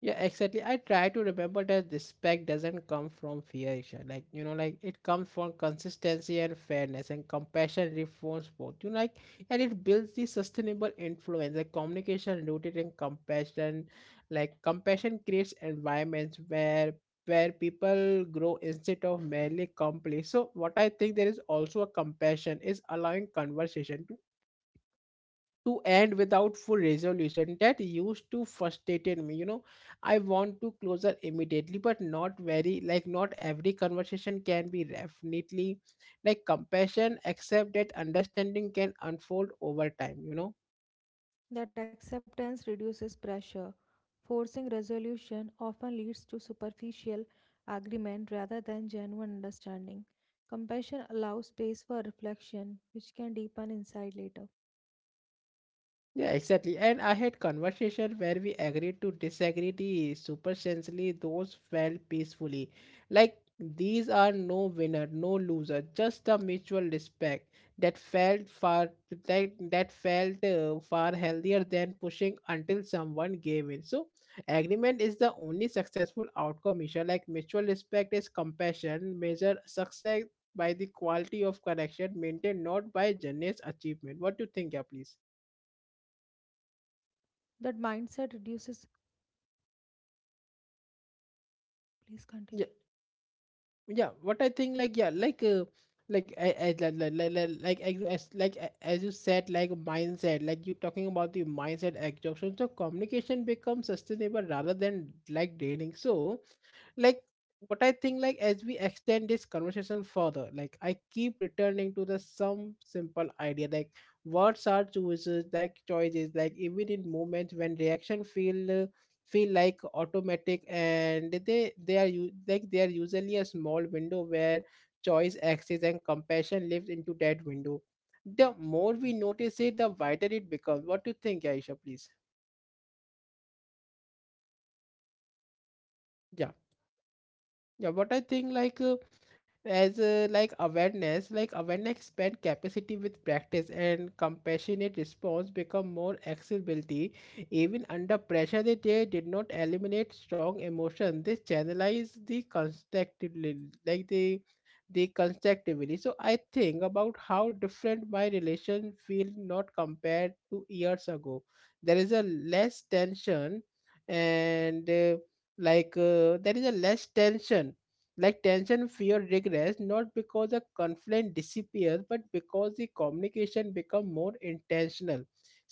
S1: Yeah, exactly. I try to remember that respect doesn't come from fear, Isha. Like, you know, like it comes from consistency and fairness and compassion reforms both. You know, like, and it builds the sustainable influence, like communication rooted in compassion. Like, compassion creates environments where people grow instead of merely complain. So, what I think there is also a compassion is allowing conversation to end without full resolution that used to frustrated me, you know. I want to closer immediately but not very like not every conversation can be definitely like compassion except that understanding can unfold over time, you know.
S2: That acceptance reduces pressure. Forcing resolution often leads to superficial agreement rather than genuine understanding. Compassion allows space for reflection, which can deepen insight later.
S1: Yeah, exactly. And I had conversation where we agreed to disagree the supersensory those felt peacefully. Like these are no winner, no loser, just the mutual respect that felt far that felt far healthier than pushing until someone gave in. So agreement is the only successful outcome measure. Like mutual respect is compassion, measure success by the quality of connection maintained, not by generous achievement. What do you think, yeah, please?
S2: That mindset reduces. Please continue.
S1: Yeah what I think like yeah like I, like, li- li- like as- like a- as you said, like mindset, like you talking about the mindset exhaustion, so communication becomes sustainable rather than like draining. So like what I think, like as we extend this conversation further, like I keep returning to the some simple idea, like words are choices, like choices, even in moments when reaction feel like automatic, and they are like they are usually a small window where choice access and compassion lives into that window. The more we notice it, the wider it becomes. What do you think, Aisha, please? Yeah. Yeah, what I think like awareness expand capacity with practice and compassionate response become more accessibility. Even under pressure, they did not eliminate strong emotion. They channelize the constructively, like the constructively. So I think about how different my relation feel not compared to years ago. There is a less tension and like there is a less tension, like tension fear regress, not because a conflict disappears, but because the communication become more intentional.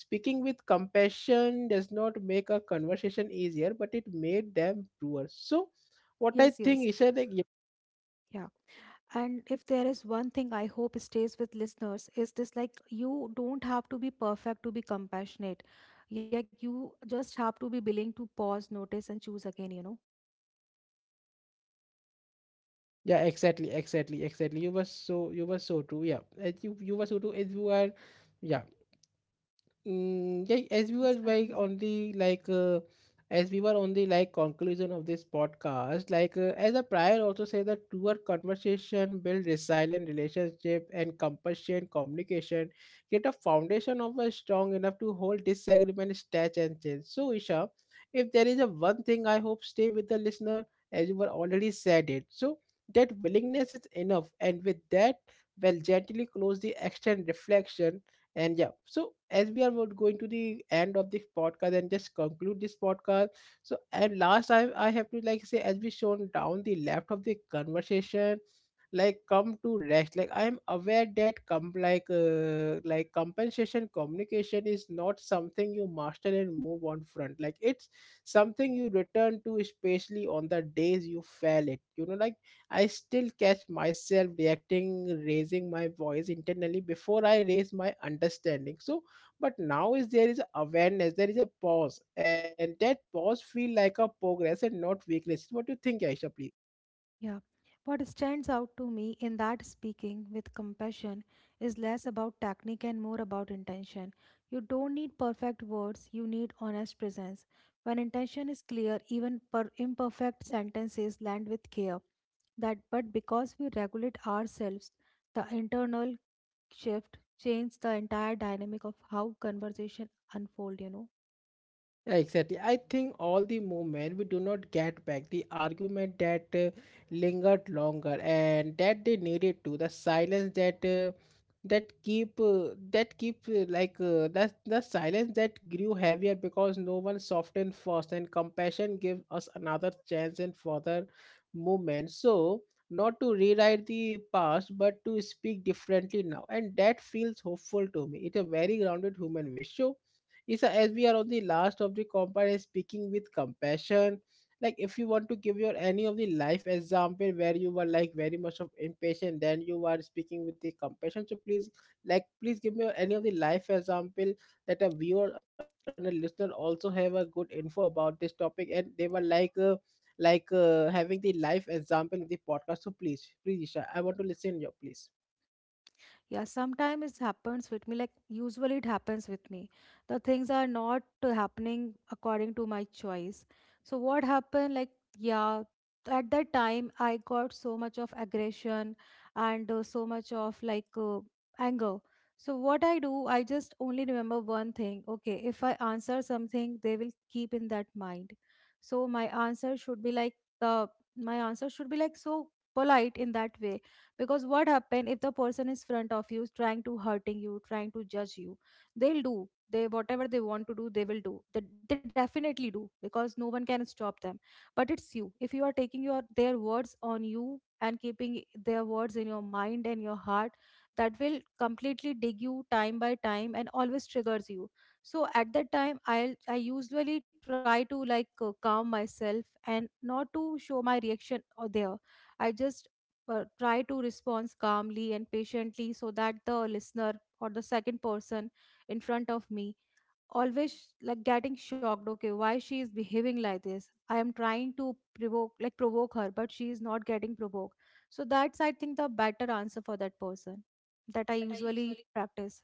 S1: Speaking with compassion does not make a conversation easier, but it made them truer. So what I
S2: Yes,
S1: think
S2: yes.
S1: is that like, yeah,
S2: Yeah. And if there is one thing I hope stays with listeners is this, like, you don't have to be perfect to be compassionate. Like you just have to be willing to pause, notice, and choose again.
S1: yeah exactly, you were so, you were so true. Yeah, and you were so true as you are. Yeah. Mm, yeah,
S2: Please continue.
S1: as we were on the like conclusion of this podcast, as a prior also say that truer conversation build resilient relationship, and compassion communication get a foundation of a strong enough to hold disagreement, stage and change. So Isha, if there is a one thing I hope stay with the listener, as you were already said it. So that willingness is enough, and with that, well gently close the action reflection. And yeah, so as we are going to the end of this podcast and just conclude this podcast. So and last, I have to like say, as we shown down the left of the conversation, like come to rest, like I am aware that come like compensation communication is not something you master and move on front, like it's something you return to, especially on the days you fail it, you know. Like I still catch myself reacting, raising my voice internally before I raise my understanding. So, but now is there is awareness, there is a pause, and that pause feel like a progress and not weakness. What do you think, Aisha? Please.
S2: Yeah. What stands out to me in that speaking with compassion is less about technique and more about intention. You don't need perfect words, you need honest presence. When intention is clear, even per imperfect sentences land with care. That but because we regulate ourselves, the internal shift changes the entire dynamic of how conversation unfold.
S1: Yeah, exactly. I think all the moment we do not get back the argument that lingered longer and that they needed to the silence that that keep like that the silence that grew heavier because no one softened first, and compassion gives us another chance and further movement. So not to rewrite the past but to speak differently now, and that feels hopeful to me. It's a very grounded human wish. So Isa, as we are on the last of the compound, and speaking with compassion, like if you want to give your any of the life example where you were like very much of impatient, then you are speaking with the compassion. So please, like, please give me any of the life example that a viewer and a listener also have a good info about this topic, and they were having the life example in the podcast. So please, please, Isha, I want to listen your please.
S2: Yeah, sometimes it happens with me. Like usually it happens with me. The things are not happening according to my choice. So what happened? Like yeah, at that time I got so much of aggression and so much of like anger. So what I do, I just only remember one thing. Okay, if I answer something, they will keep in that mind. So my answer should be like so polite in that way, because what happen if the person is front of you trying to hurting you trying to judge you, they'll do, they whatever they want to do they will do, they definitely do, because no one can stop them. But it's you, if you are taking your their words on you and keeping their words in your mind and your heart, that will completely dig you time by time and always triggers you. So at that time, I usually try to like calm myself and not to show my reaction, or there I just try to respond calmly and patiently, so that the listener or the second person in front of me always like getting shocked, okay, why she is behaving like this? I am trying to provoke her, but she is not getting provoked. So that's, I think, the better answer for that person that I usually practice.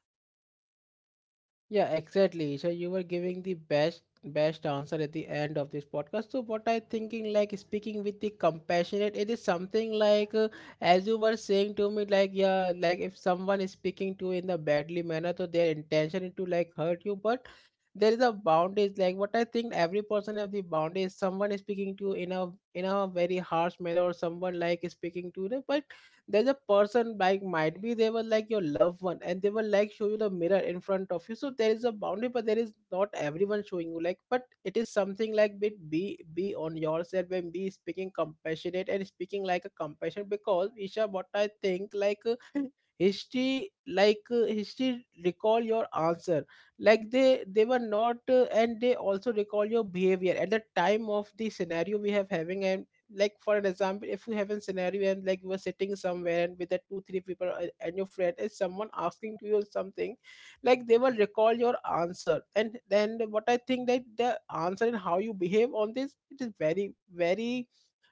S1: Yeah, exactly. So you were giving the best answer at the end of this podcast. So what I thinking like speaking with the compassionate, it is something as you were saying to me, like yeah, like if someone is speaking to you in a badly manner, so their intention is to like hurt you, but there is a boundaries. Like what I think, every person have the boundaries. Someone is speaking to you in a very harsh manner, or someone like is speaking to them, but there's a person like might be they were like your loved one and they will like show you the mirror in front of you. So there is a boundary, but there is not everyone showing you like, but it is something like bit be on yourself and be speaking compassionate and speaking like a compassion. Because Isha, what I think history, history recall your answer. Like they were not, and they also recall your behavior at the time of the scenario we have having. And like for an example, if you have a scenario and like you are sitting somewhere and with the two three people and your friend is someone asking to you something, like they will recall your answer. And then what I think, that the answer and how you behave on this, it is very,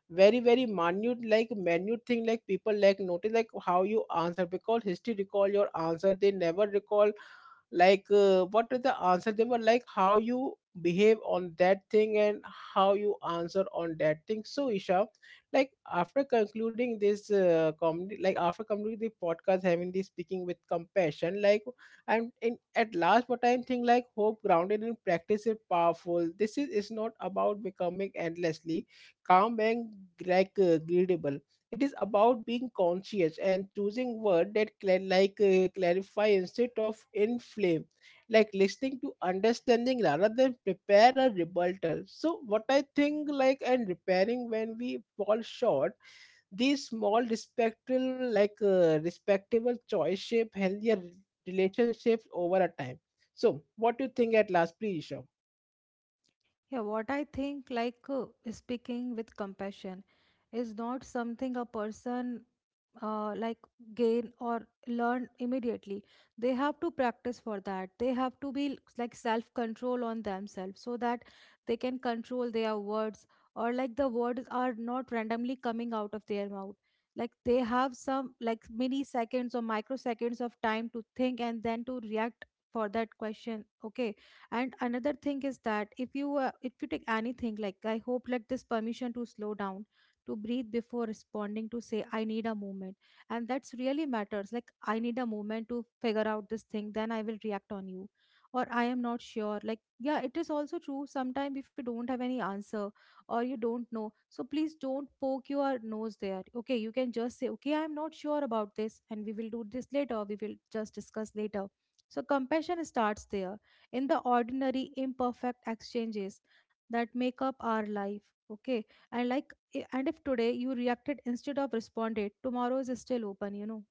S1: very minute, like minute thing, like people like notice like how you answer, because history recall your answer. They never recall what is the answer. They were like how you behave on that thing, and how you answer on that thing. So Isha, like after concluding this, after concluding the podcast having this speaking with compassion, like and in at last what I'm thinking, like hope grounded in practice is powerful. This is not about becoming endlessly calm and readable. It is about being conscious and choosing word that clarify instead of inflame, like listening to understanding rather than prepare a rebuttal. So what I think, like and repairing when we fall short, these small respectful respectable choice shape healthier relationships over a time. So what do you think at last, please, Isha?
S2: Yeah, what I think, like speaking with compassion is not something a person like gain or learn immediately. They have to practice for that. They have to be like self control on themselves, so that they can control their words, or like the words are not randomly coming out of their mouth. Like they have some like mini seconds or microseconds of time to think and then to react for that question, okay. And another thing is that if you take anything, like I hope, like this permission to slow down, to breathe before responding, to say I need a moment. And that's really matters, like I need a moment to figure out this thing, then I will react on you. Or I am not sure, like, yeah, it is also true, sometimes if you don't have any answer or you don't know, so please don't poke your nose there. Okay, you can just say okay, I am not sure about this, and we will do this later, we will just discuss later. So compassion starts there, in the ordinary imperfect exchanges that make up our life, okay. And like, and if today you reacted instead of responded, tomorrow is still open,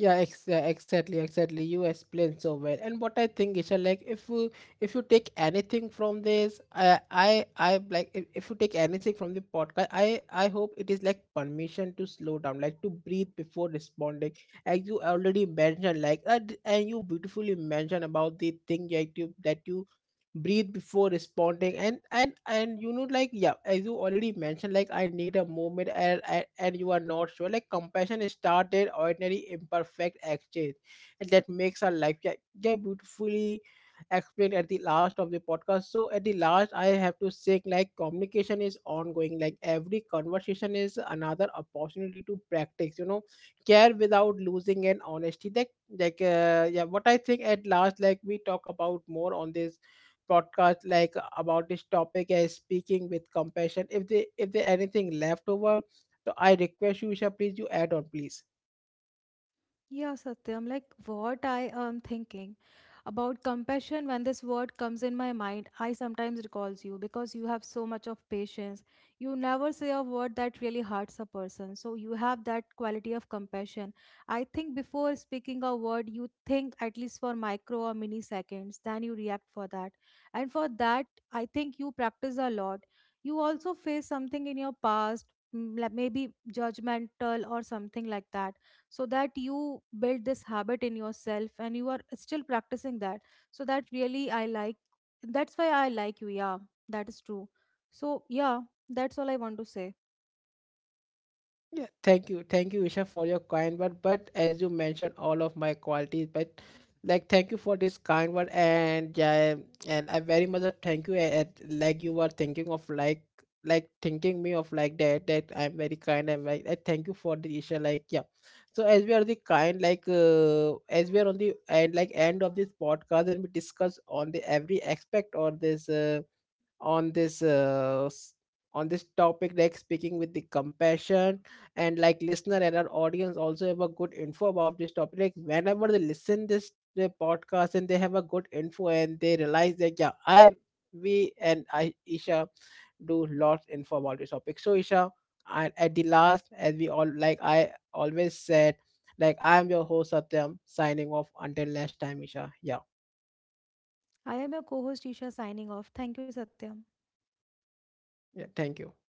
S1: Yeah, exactly. You explained so well. And what I think, Isha, like if you take anything from this, I if you take anything from the podcast, I hope it is like permission to slow down, like to breathe before responding. As you already mentioned, and you beautifully mentioned about the thing that you breathe before responding, and you know, like yeah, as you already mentioned, like I need a moment, and you are not sure, like compassion is started ordinary imperfect exchange, and that makes our life. Yeah, yeah, beautifully explained at the last of the podcast. So at the last I have to say, like communication is ongoing, like every conversation is another opportunity to practice, you know, care without losing an honesty, like yeah, what I think at last, like we talk about more on this podcast like about this topic as speaking with compassion. If they if there anything left over, so I request you Isha, please, you add on please.
S2: Yeah, Satyam, like what I am thinking about compassion, when this word comes in my mind, I sometimes recalls you, because you have so much of patience. You never say a word that really hurts a person. So you have that quality of compassion. I think before speaking a word, you think at least for micro or mini seconds, then you react for that. And for that, I think you practice a lot. You also face something in your past, like maybe judgmental or something like that, so that you build this habit in yourself and you are still practicing that. So that really, I like that's why I like you. Yeah, that is true. So yeah, that's all I want to say.
S1: Yeah, thank you, Isha, for your kind word. But as you mentioned, all of my qualities, but like thank you for this kind word, and yeah, and I very much thank you. And like you were thinking of like thinking me of like that I'm very kind, and like I thank you for the Isha. Like yeah, so as we are the kind, as we are on the and like end of this podcast, and we discuss on the every aspect on this. On this uh, s- on this topic like speaking with the compassion, and like listener and our audience also have a good info about this topic, like whenever they listen this the podcast and they have a good info and they realize that yeah, I we and I Isha, do lots info about this topic. So Isha, I, at the last, as we all like I always said, like I'm your host Satyam signing off until next time. Isha. Yeah,
S2: I am your co-host Isha, signing off. Thank you, Satya.
S1: yeah, thank you.